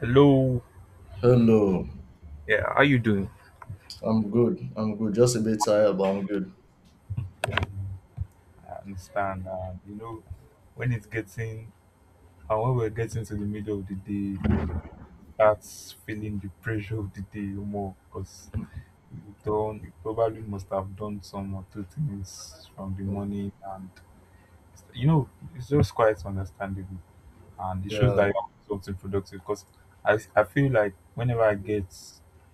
Hello. Hello, Yeah, how you doing? I'm good. I'm good. Just a bit tired, but I'm good. I understand. When it's getting and when we're getting to the middle of the day, that's feeling the pressure of the day more because you probably must have done some or two things from the morning and it's just quite understandable, and it shows Yeah, that you're doing something productive because I feel like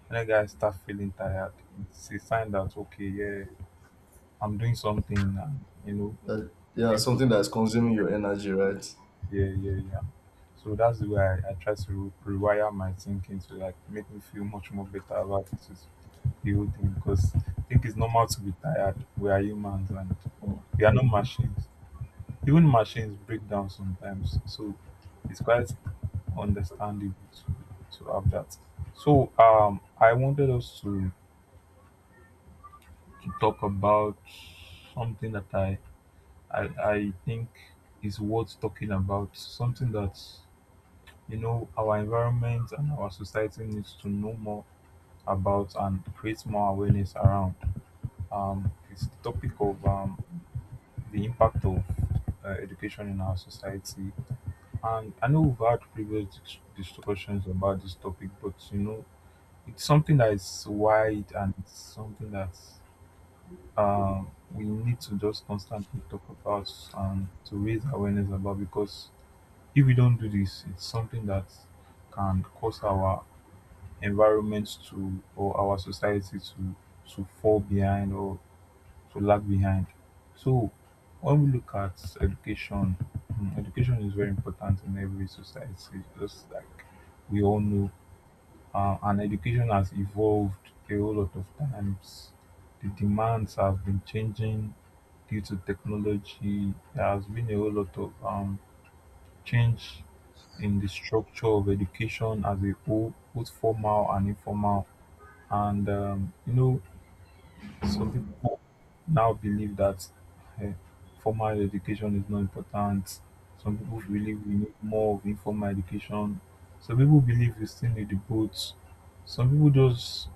whenever I start feeling tired, it's a sign that okay, yeah, I'm doing something and you know, that, yeah, being something that's consuming your energy, right? yeah, yeah, yeah. So that's the way I try to rewire my thinking to like make me feel much more better about this is the whole thing because I think it's normal to be tired. We are humans and we are not machines. Even machines break down sometimes. So it's quite understandable to have that. So I wanted to talk about something that I think is worth talking about. Something that. You know, our environment and our society needs to know more about and create more awareness around this topic of the impact of education in our society. And I know we've had previous discussions about this topic, but you know, it's something that is wide and it's something that um, we need to just constantly talk about and to raise awareness about, because if we don't do this, it's something that can cause our environment to, or our society to fall behind or to lag behind. So when we look at education, education is very important in every society. Just like we all know, and education has evolved a whole lot of times. The demands have been changing due to technology. There has been a whole lot of change in the structure of education as a whole, both formal and informal. And some people now believe that eh, formal education is not important. Some people believe we need more of informal education. Some people believe we still need the both. Some people just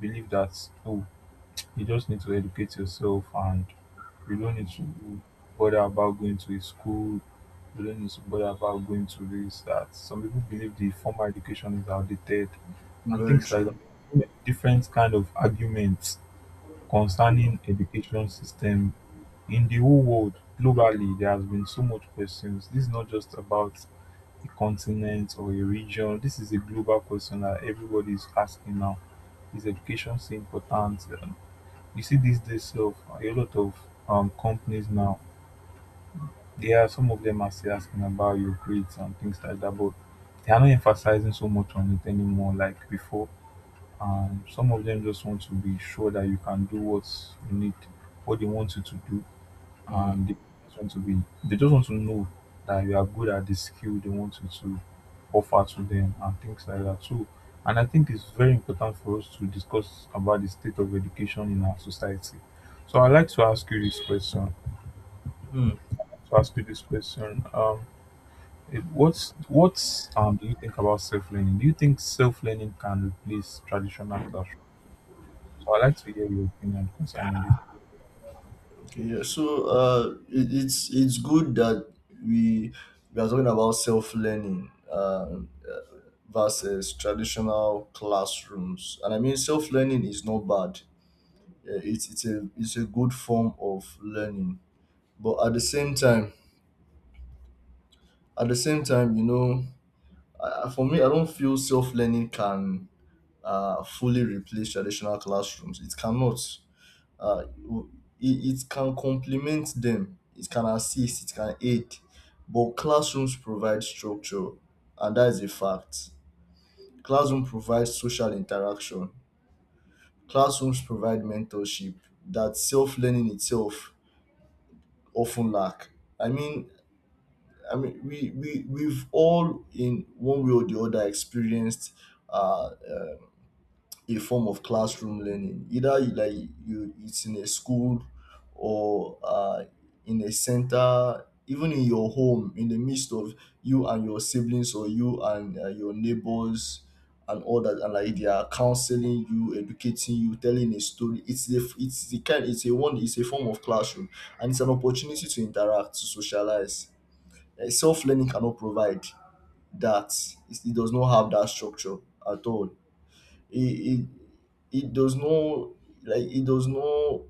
believe that oh, you just need to educate yourself and you don't need to bother about going to a school. You don't need to bother about going to this that. Some people believe the formal education is outdated and Very things like that. true. Different kind of arguments concerning education system in the whole world, globally, there has been so much questions. This is not just about a continent or a region. This is a global question that everybody is asking now. Is education so important? You see these days of a lot of companies now. There are some of them are still asking about your grades and things like that, but they are not emphasizing so much on it anymore like before. Some of them just want to be sure that you can do what you need what they want you to do, Mm. and they just want to know that you are good at the skill they want you to offer to them and things like that. So and I think it's very important for us to discuss about the state of education in our society. So I'd like to ask you this question. Mm. To ask you this question, it- what's what Do you think about self learning? Do you think self learning can replace traditional classroom? So I'd like to hear your opinion concerning this. Okay, yeah. So, it's it's good that we we are talking about self learning, versus traditional classrooms, and I mean self learning is not bad. It's a good form of learning, but at the same time, at the same time. For me, I don't feel self learning can fully replace traditional classrooms. It cannot. Uh, it can complement them, it can assist, it can aid. But classrooms provide structure, and that is a fact. Classroom provides social interaction, classrooms provide mentorship that self learning itself often lack. I mean, I mean, we've all in one way or the other experienced uh, uh, a form of classroom learning, either you like, you it's in a school, or in a center, even in your home, in the midst of you and your siblings, or you and your neighbors and all that, and like they are counseling you, educating you, telling a story. It's the it's the kind it's a one it's a form of classroom, and it's an opportunity to interact, to socialize. Self-learning cannot provide that. It does not have that structure at all. It it it does not, like it does not.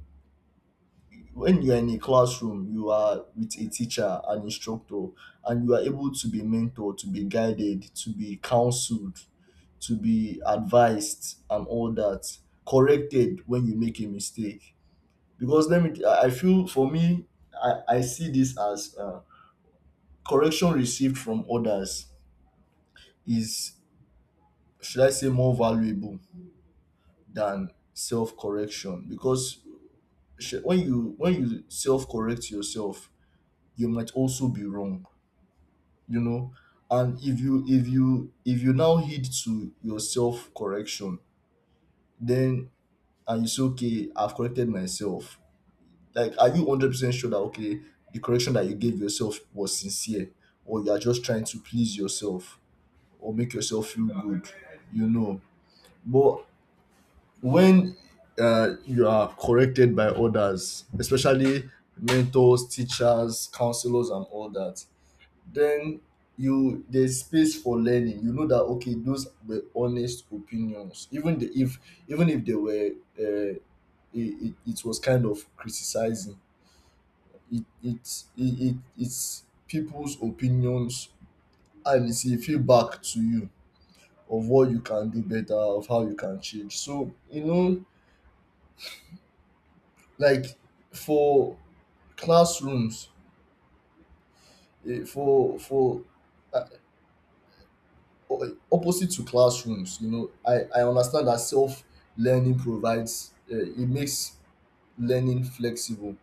When you are in a classroom, you are with a teacher, an instructor, and you are able to be mentored, to be guided, to be counseled, to be advised, and all that, corrected when you make a mistake. Because let me I feel, for me, I see this as, correction received from others is, should I say, more valuable than self-correction. Because when you self correct yourself, you might also be wrong, you know. And if you now heed to your self correction, then, and you say, okay, I've corrected myself, like, are you 100% sure that, okay, the correction that you gave yourself was sincere, or you are just trying to please yourself or make yourself feel good, you know? But when you are corrected by others, especially mentors, teachers, counselors, and all that, then you, there's space for learning. You know that, okay, those were honest opinions, even if even if they were, uh, it, was kind of criticizing. It it's people's opinions, and it's a feedback to you of what you can do better, of how you can change. So you know, like, for classrooms, for uh, o- opposite to classrooms, you know, I understand that self learning provides, it makes learning flexible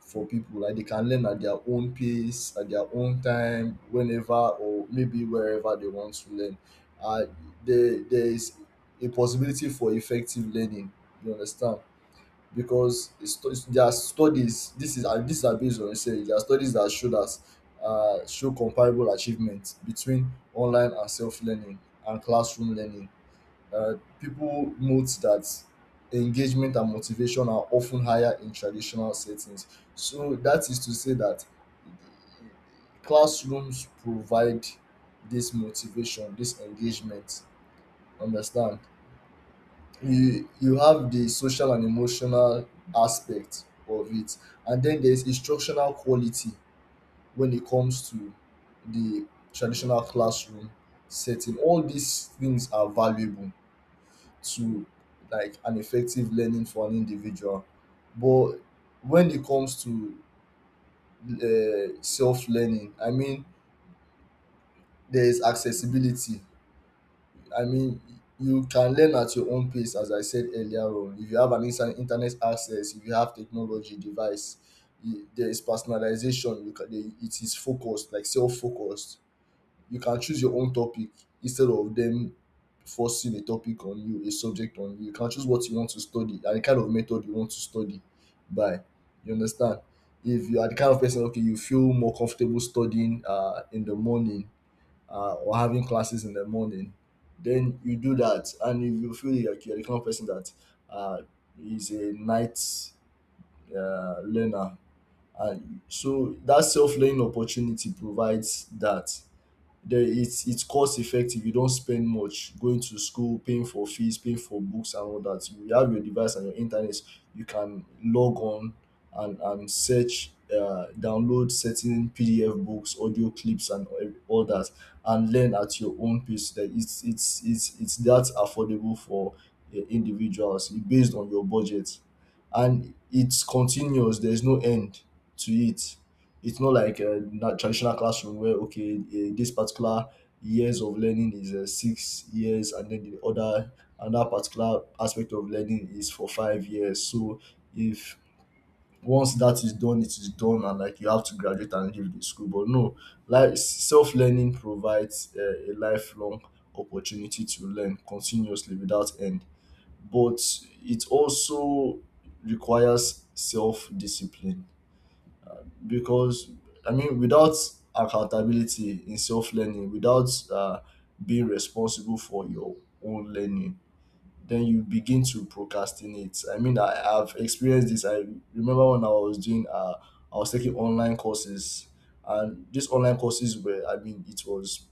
for people, like they can learn at their own pace, at their own time, whenever or maybe wherever they want to learn. uh, there is a possibility for effective learning, you understand? Because there are studies, this is, and these are based on research, there are studies that show that, show comparable achievement between online and self-learning and classroom learning. uh, People note that engagement and motivation are often higher in traditional settings. So that is to say that classrooms provide this motivation, this engagement, understand? You have the social and emotional aspect of it, and then there's instructional quality when it comes to the traditional classroom setting. All these things are valuable to, like, an effective learning for an individual. But when it comes to self-learning, I mean, there's accessibility. I mean, you can learn at your own pace, as I said earlier on. If you have an instant internet access, if you have technology device, you, there is personalization. It is focused, like self focused. You can choose your own topic instead of them forcing a topic on you, a subject on you. You can choose what you want to study and the kind of method you want to study by. You understand? If you are the kind of person, okay, you feel more comfortable studying in the morning, or having classes in the morning, then you do that. And if you feel like you're the kind of person that uh, is a night learner, and so that self learning opportunity provides that. There, it's cost effective. You don't spend much going to school, paying for fees, paying for books, and all that. You have your device and your internet, you can log on and search, download certain pdf books, audio clips, and all that, and learn at your own pace. That it's, it's that affordable for individuals based on your budget. And it's continuous, there's no end to it. It's not like a that traditional classroom where, okay, this particular years of learning is 6 years, and then the other another particular aspect of learning is for 5 years. So if, once that is done, it is done, and like you have to graduate and leave the school. But no, like self-learning provides a lifelong opportunity to learn continuously without end. But it also requires self-discipline, because, I mean, without accountability in self learning, without being responsible for your own learning, then you begin to procrastinate. I mean, I have experienced this. I remember when I was doing, I was taking online courses, and these online courses were, I mean, it was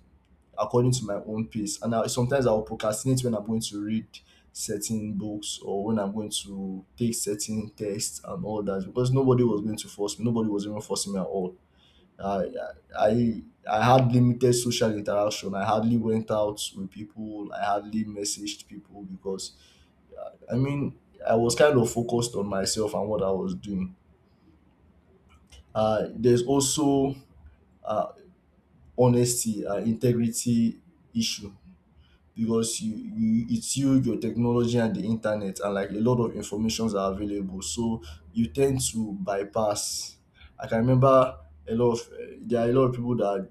according to my own pace. And I, sometimes I'll procrastinate when I'm going to read certain books or when I'm going to take certain tests and all that, because nobody was going to force me. Nobody was even forcing me at all. I, I, I had limited social interaction. I hardly went out with people. I hardly messaged people because, I mean, I was kind of focused on myself and what I was doing. There's also uh, honesty, integrity issue. Because you it's you your technology and the internet and like a lot of informations are available, so you tend to bypass. I can remember a lot of, there are a lot of people that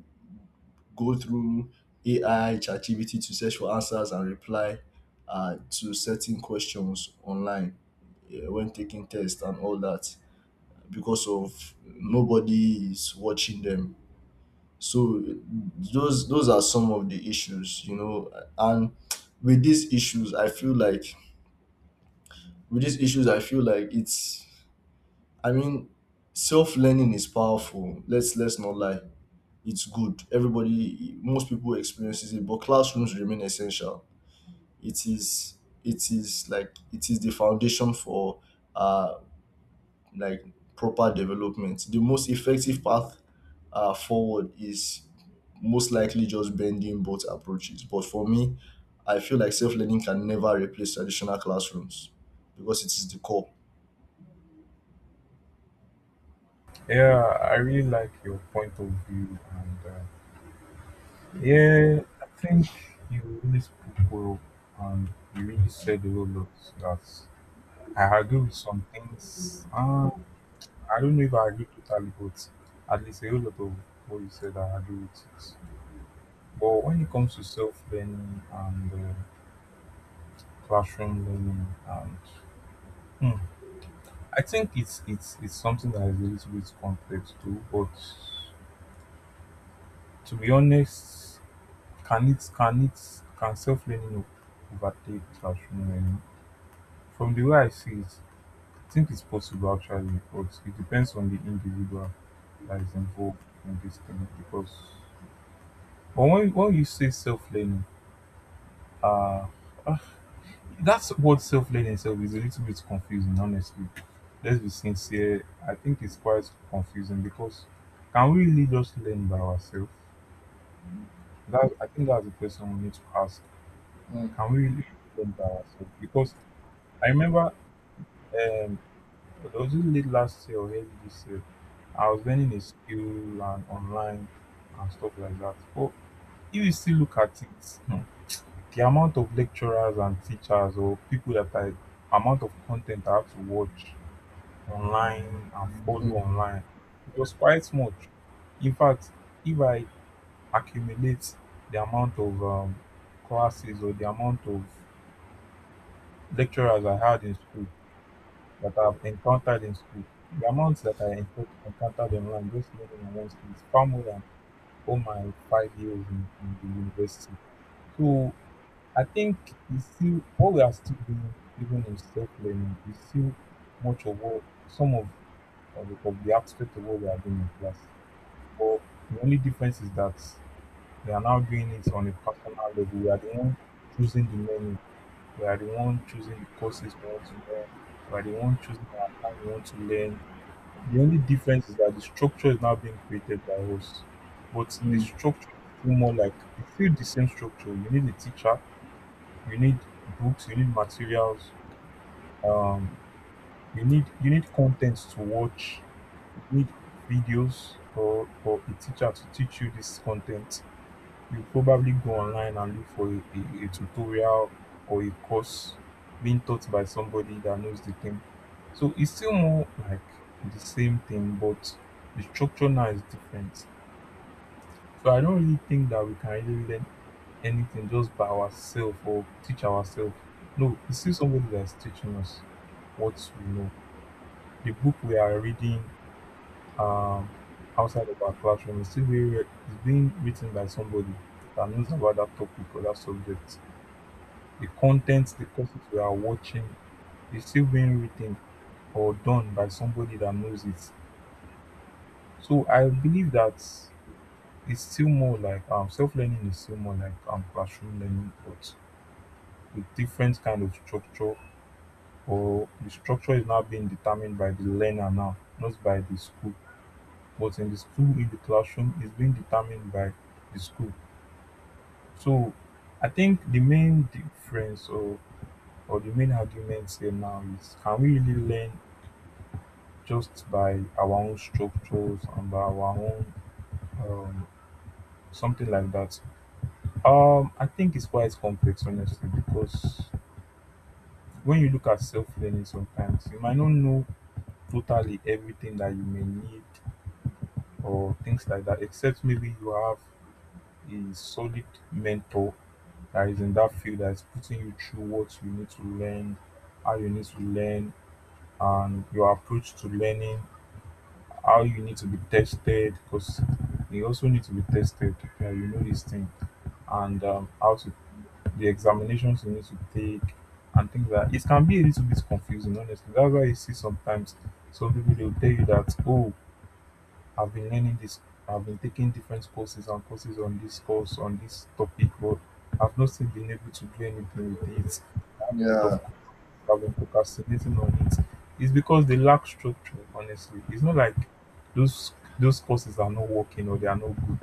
go through ai ChatGPT to search for answers and reply to certain questions online, when taking tests and all that, because of nobody is watching them. So those are some of the issues, you know. And with these issues, I feel like, with these issues, I feel like it's, I mean, self learning is powerful. Let's not lie. It's good. Everybody, most people experiences it, but classrooms remain essential. It is it is it is the foundation for uh like proper development. The most effective path forward is most likely just blending both approaches. But for me, I feel like self learning can never replace traditional classrooms, because it is the core. Yeah, I really like your point of view and. Yeah, I think you really spoke well and you really said a whole lot that I agree with some things. I don't know if I agree totally, but at least a whole lot of what you said, I agree with it. But when it comes to self learning and classroom learning, and hmm, I think it's something that is a little bit complex too. But to be honest, can it can it can self learning overtake classroom learning? From the way I see it, I think it's possible actually, but it depends on the individual that is involved in this thing. Because, but when you say self learning, uh, uh, that's what self learning itself is a little bit confusing, honestly. Let's be sincere, I think it's quite confusing because can we really just learn by ourselves? That I think that's the question we need to ask. Can we really learn by ourselves? Because I remember um, it wasn't late last year or early this year. I was learning a skill and online and stuff like that. But if you still look at it, hmm, the amount of lecturers and teachers or people that I amount of content I have to watch online and follow Mm, online, it was quite much. In fact, if I accumulate the amount of classes or the amount of lecturers I had in school, that I've encountered in school, the amounts that I encountered online, just learning online school, is far more than all my 5 years in the university. So I think it's still what we are still doing, even in self learning, is still much of what some of the aspect of what we are doing in class. But the only difference is that we are now doing it on a personal level. We are the one choosing the menu. We are the one choosing the courses we want to learn. We are the one choosing our time we want to learn. The only difference is that the structure is now being created by us, but the mm, structure is still more like it's still the same structure. You need a teacher, you need books, you need materials, um, you need contents to watch, you need videos for a teacher to teach you this content. You probably go online and look for a tutorial or a course being taught by somebody that knows the thing. So it's still more like the same thing, but the structure now is different. So I don't really think that we can really learn anything just by ourselves or teach ourselves. No, it's still somebody that's teaching us what we know. The book we are reading um, outside of our classroom is still is being written by somebody that knows about that topic or that subject. The content, the courses we are watching is still being written or done by somebody that knows it. So I believe that it's still more like self learning is still more like classroom learning, but with different kind of structure, or the structure is now being determined by the learner now, not by the school. But in the school, in the classroom, is being determined by the school. So I think the main difference or the main argument here now is can we really learn just by our own structures and by our own um, something like that. I think it's quite complex, honestly, because when you look at self learning, sometimes you might not know totally everything that you may need or things like that, except maybe you have a solid mentor that is in that field that is putting you through what you need to learn, how you need to learn, and your approach to learning, how you need to be tested, because you also need to be tested. Yeah, you know this thing, and how to the examinations you need to take and things like. That. It can be a little bit confusing, honestly. That's why you see sometimes some people they will tell you that oh I've been learning this. I've been taking different courses and courses on this course on this topic, but I've not still been able to do anything with it. I have a lot yeah, of courses. I've been procrastinating on it. It's because they lack structure, honestly. It's not like those those courses are not working or they are not good.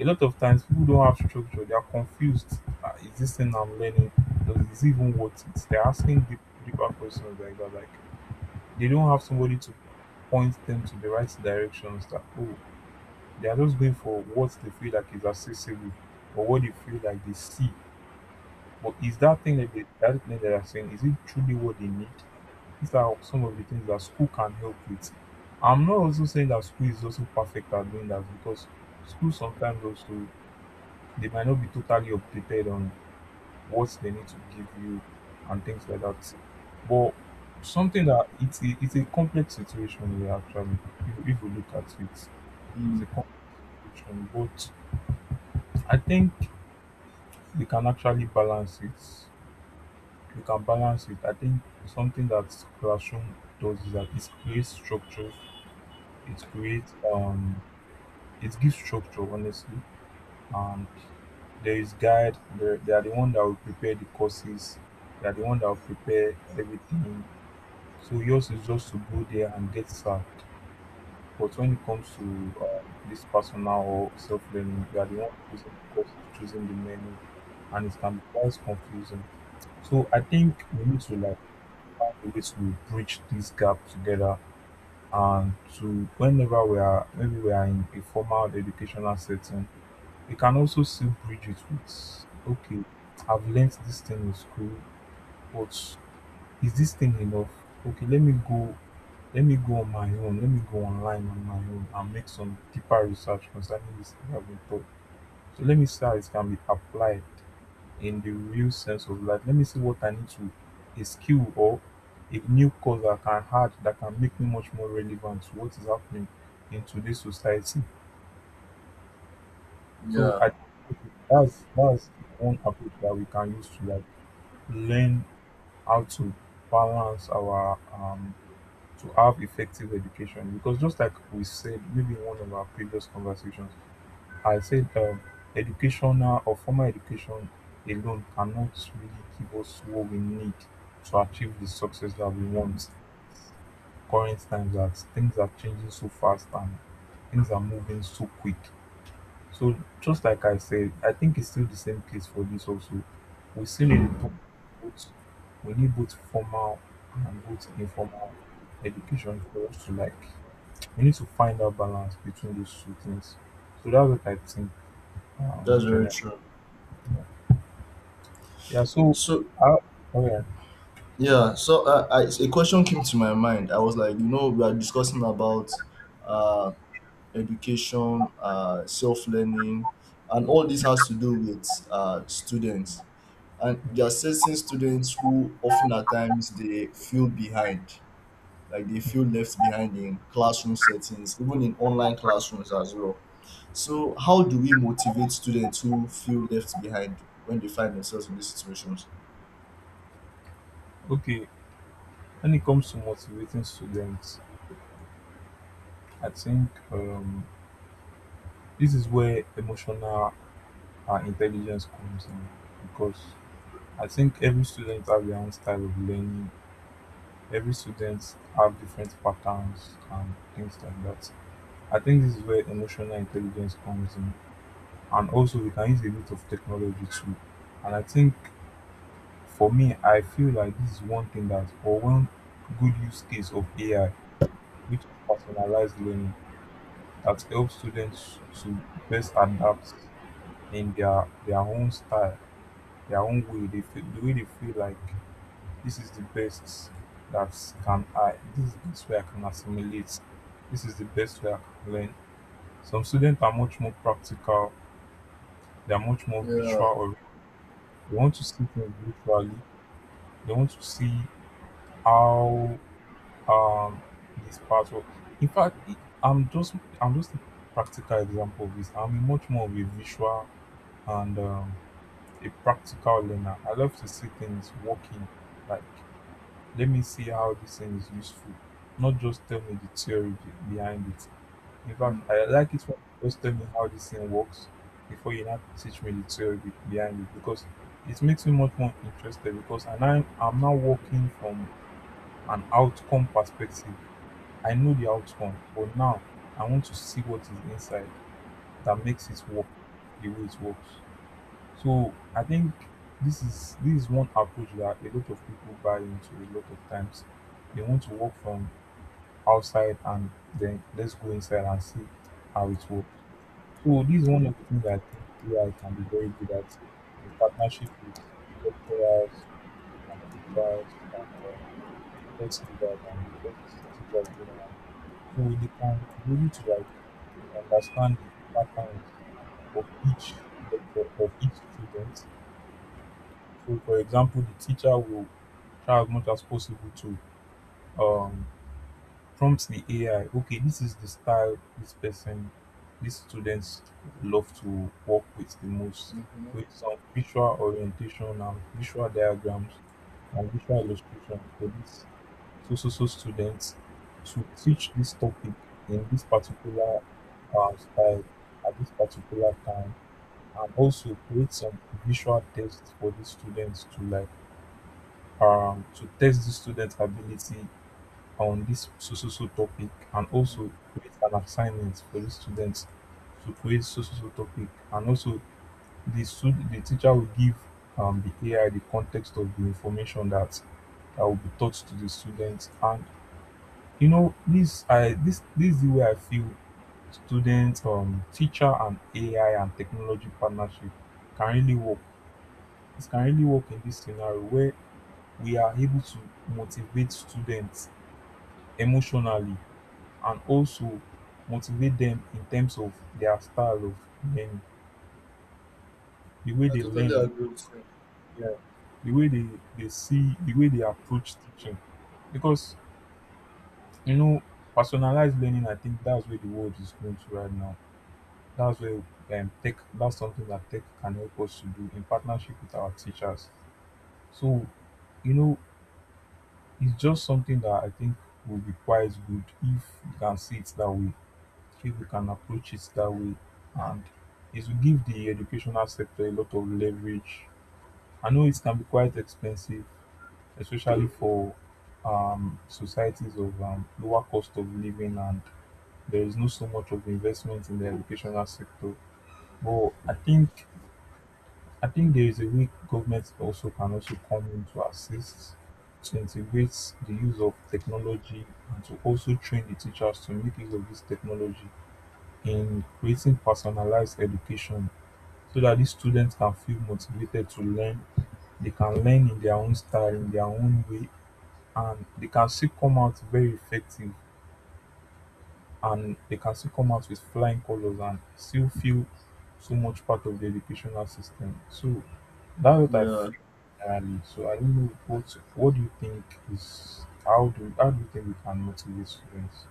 A lot of times people don't have structure, they are confused. Is this thing I'm learning? Does this even worth it? They're asking deep, deeper questions like that. Like they don't have somebody to point them to the right directions that oh they are just going for what they feel like is accessible or what they feel like they see. But is that thing that they that thing that they are saying, is it truly what they need? These are some of the things that school can help with. I'm not also saying that school is also perfect at doing that because school sometimes also they might not be totally updated on what they need to give you and things like that. But something that it's a complex situation here actually if we look at it, it's mm, a complex situation, but I think you can actually balance it. You can balance it. I think something that classroom does is that it creates structure. It creates it gives structure honestly. And there is guide, they are the one that will prepare the courses, they are the one that will prepare everything. So yours is just to go there and get served. But when it comes to this personal or self-learning, you are the one choosing the courses, choosing the menu, and it can be quite confusing. So I think we need to like find a way to bridge this gap together and to whenever we are maybe we are in a formal educational setting we can also still bridge it with okay, I've learnt this thing in school, but is this thing enough? Okay, let me go on my own, let me go online on my own and make some deeper research concerning this thing I've been taught, so let me see how it can be applied in the real sense of life. Let me see what I need to, a skill or a new cause that can add that can make me much more relevant to what is happening in today's society. So yeah, I think that's one approach that we can use to like learn how to balance our to have effective education, because just like we said maybe in one of our previous conversations I said, educational or formal education alone cannot really give us what we need to achieve the success that we want. Current times that things are changing so fast and things are moving so quick. So just like I said, I think it's still the same case for this also. We still need to talk both, we need both formal and both informal education for us to like we need to find that balance between those two things. So that's what I think that's very generally. true. Yeah. Yeah, so So how, oh yeah, yeah, so I, a question came to my mind. I was like, you know, we are discussing about uh, education, self learning, and all this has to do with students. And there are certain students who often at times they feel behind, like they feel left behind in classroom settings, even in online classrooms as well. So how do we motivate students who feel left behind when they find themselves in these situations? okay. When it comes to motivating students, I think, this is where emotional intelligence comes in, because I think every student has their own style of learning. Every student have different patterns and things like that. I think this is where emotional intelligence comes in, and also we can use a bit of technology too. And I think for me, I feel like this is one thing that or one good use case of AI, which is personalized learning that helps students to best adapt in their own style, their own way. They feel the way they feel like this is the best that can I this is the best way I can assimilate. This is the best way I can learn. Some students are much more practical, they are much more Yeah. visual oriented. They want to see things visually, they want to see how um this part. Well, in fact I'm just a practical example of this. I'm much more of a visual and, a practical learner. I love to see things working, like let me see how this thing is useful, not just tell me the theory behind it. In Mm-hmm. fact I like it when you just tell me how this thing works before you now teach me the theory behind it, because it makes me much more interested because and I'm now working from an outcome perspective. I know the outcome, but now I want to see what is inside that makes it work the way it works. So I think this is one approach that a lot of people buy into a lot of times. They want to work from outside and then let's go inside and see how it works. So this is one of the things that I think AI can be very good at in partnership with lecturers and teachers and, Holstenberg and West Georgia, and so they can be able to like understand the patterns of each lecture of each student. So for example the teacher will try as much as possible to um prompt the AI, okay, this is the style this person these students love to work with the most, with some visual orientation and visual diagrams and visual illustrations for this to so-so students, to teach this topic in this particular style at this particular time, and also create some visual tests for the students to like to test the students' ability on this so so so topic, and also create an assignment for the students to create so so so topic, and also the teacher will give, the AI the context of the information that that will be taught to the students. And you know this is the way I feel student teacher and AI and technology partnership can really work. It can really work in this scenario where we are able to motivate students emotionally, and also motivate them in terms of their style of learning, the way I they totally learn, agree with yeah, the way they see, the way they approach teaching. Because you know, personalized learning, I think that's where the world is going to right now. That's where, tech, that's something that tech can help us to do in partnership with our teachers. So, you know, it's just something that I think will be quite good if we can see it that way, if we can approach it that way, and it will give the educational sector a lot of leverage. I know it can be quite expensive, especially for, societies of, lower cost of living, and there is no so much of investment in the educational sector. But I think there is a way government also can also come in to assist, to integrate the use of technology and to also train the teachers to make use of this technology in creating personalized education, so that these students can feel motivated to learn. They can learn in their own style, in their own way, and they can still come out very effective and they can still come out with flying colors and still feel so much part of the educational system. So that's what you. I Yeah. feel generally. So I don't know what do you think is how do you think we can motivate students?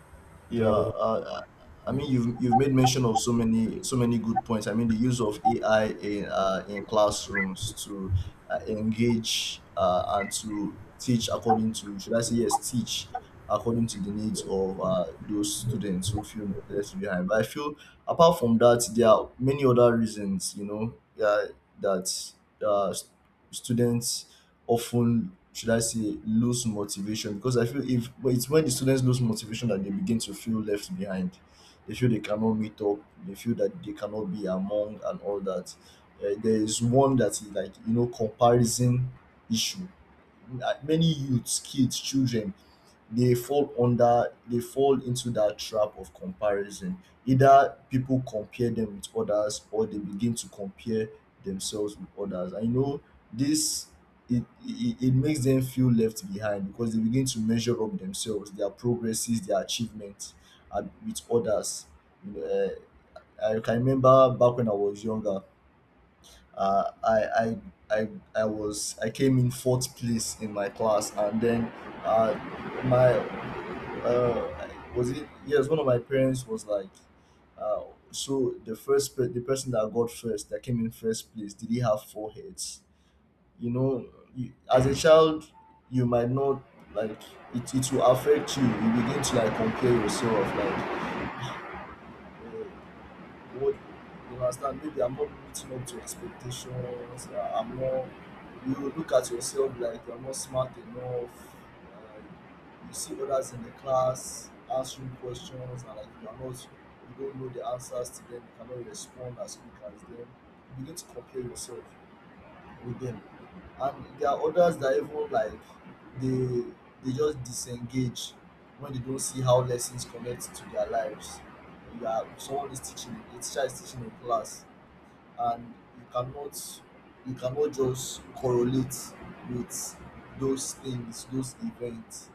So Yeah, I would- I mean, you've made mention of so many good points. I mean, the use of AI in classrooms to engage and to teach according to, should I say, yes, teach according to the needs of those students who feel left behind. But I feel apart from that, there are many other reasons, you know, uh, that uh, s- students often, should I say, lose motivation. Because I feel, if but it's when the students lose motivation that they begin to feel left behind. They feel they cannot meet up. They feel that they cannot be among and all that. There is one that is like, you know, comparison issue. Many youths, kids, children, they fall under they fall into that trap of comparison. Either people compare them with others, or they begin to compare themselves with others. I know this. It makes them feel left behind because they begin to measure up themselves, their progresses, their achievements, with others you know, I can remember back when I was younger. Uh, I, I i i was i came in fourth place in my class. And then, uh, my uh was it? Yes, one of my parents was like, uh so the person that got first, that came in first place, did he have four heads you know you, as a child, you might not like it. It will affect you. You begin to like compare yourself, like what, you understand, maybe I'm not meeting up to expectations I'm not You look at yourself like you're not smart enough. uh, you see others in the class answering questions, and like you are not you don't know the answers to them. You cannot respond as quick as them. You begin to compare yourself with them. And there are others that even like they they just disengage when they don't see how lessons connect to their lives. You are someone is teaching A teacher is teaching in class, and you cannot just correlate with those things, those events.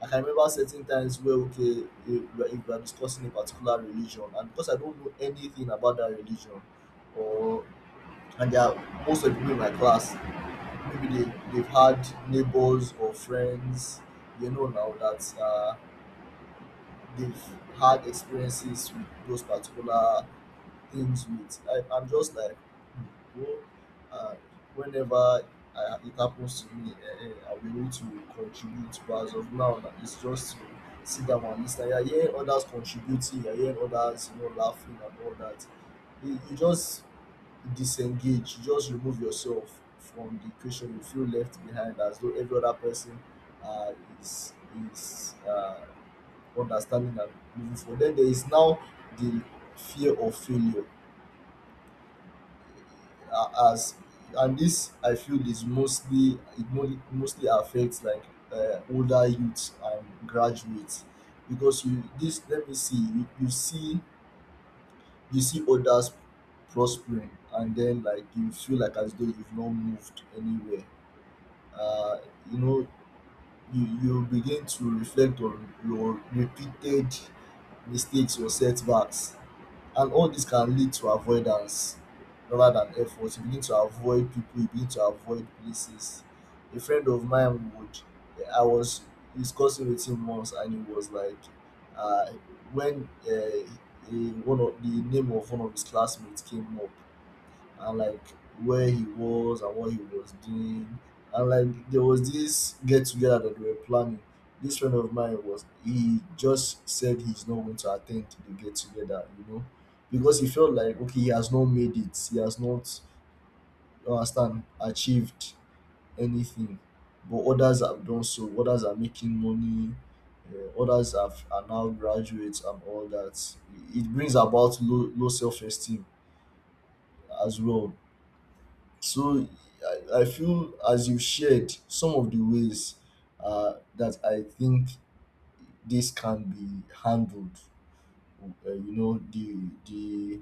Like, I can remember certain times where, okay, if we are discussing a particular religion, and because I don't know anything about that religion, or and there are most of the people in my class, maybe they've had neighbors or friends, now that they've had experiences with those particular things. I'm just like, "Hmm, well, uh, whenever it happens to me, I will need to contribute, but as of now, it's just to sit down and listen. You're hearing others contributing, you're hearing others, laughing and all that. You just disengage, just remove yourself from the equation. You feel left behind, as though every other person uh, is is understanding and moving forward. Then there is now the fear of failure. As And this, I feel, is mostly mostly affects, like, older youths and graduates, because you this let me see. You see others prospering, and then like you feel like as though you've not moved anywhere. uh, you know you begin to reflect on your repeated mistakes or setbacks. And all this can lead to avoidance rather than effort. You begin to avoid people, you begin to avoid places. A friend of mine would I was discussing with him once, and he was like, uh when, one of the name of one of his classmates came up, and like where he was and what he was doing. And like there was this get together that we were planning. This friend of mine, was he just said he's not going to attend to the get together, because he felt like, okay, he has not made it, he has not, you understand achieved anything, but others have done so. Others are making money. Others are now graduates and all that. It brings about low, low self esteem as well. So I feel, as you shared some of the ways that I think this can be handled. Uh, you know the the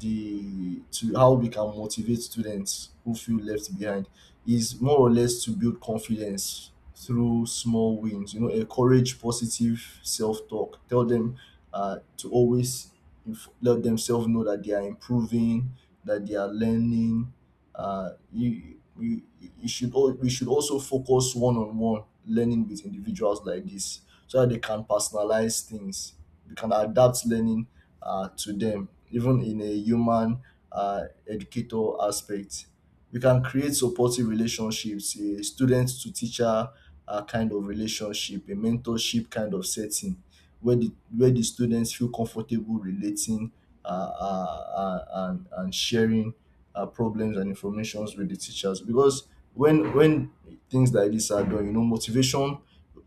the to how we can motivate students who feel left behind is more or less to build confidence through small wins. Encourage positive self talk. Tell them to always let themselves know that they are improving, that they are learning. Uh, you, you, we should also focus one on one learning with individuals like this, so that they can personalize things. They can adapt learning to them, even in a human educator aspect. We can create supportive relationships, a student to teacher kind of relationship, a mentorship kind of setting where the students feel comfortable relating, and sharing problems and informations with the teachers. Because when things like this are done, motivation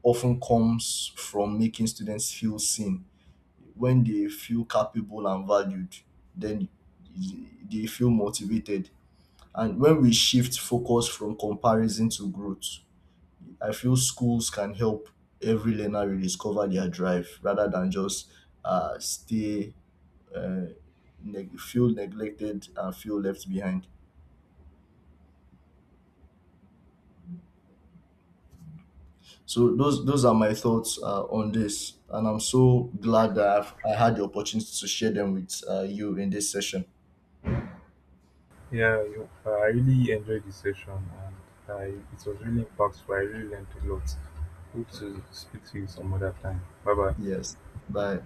often comes from making students feel seen. When they feel capable and valued, then they feel motivated. And when we shift focus from comparison to growth, I feel schools can help every learner rediscover their drive rather than just uh, stay uh, feel neglected and feel left behind. So those are my thoughts on this, and I'm so glad that I had the opportunity to share them with you in this session. yeah, you, I really enjoyed the session and I, it was really impactful. I really learned a lot. Hope to speak to you some other time. Bye bye. Yes. Bye.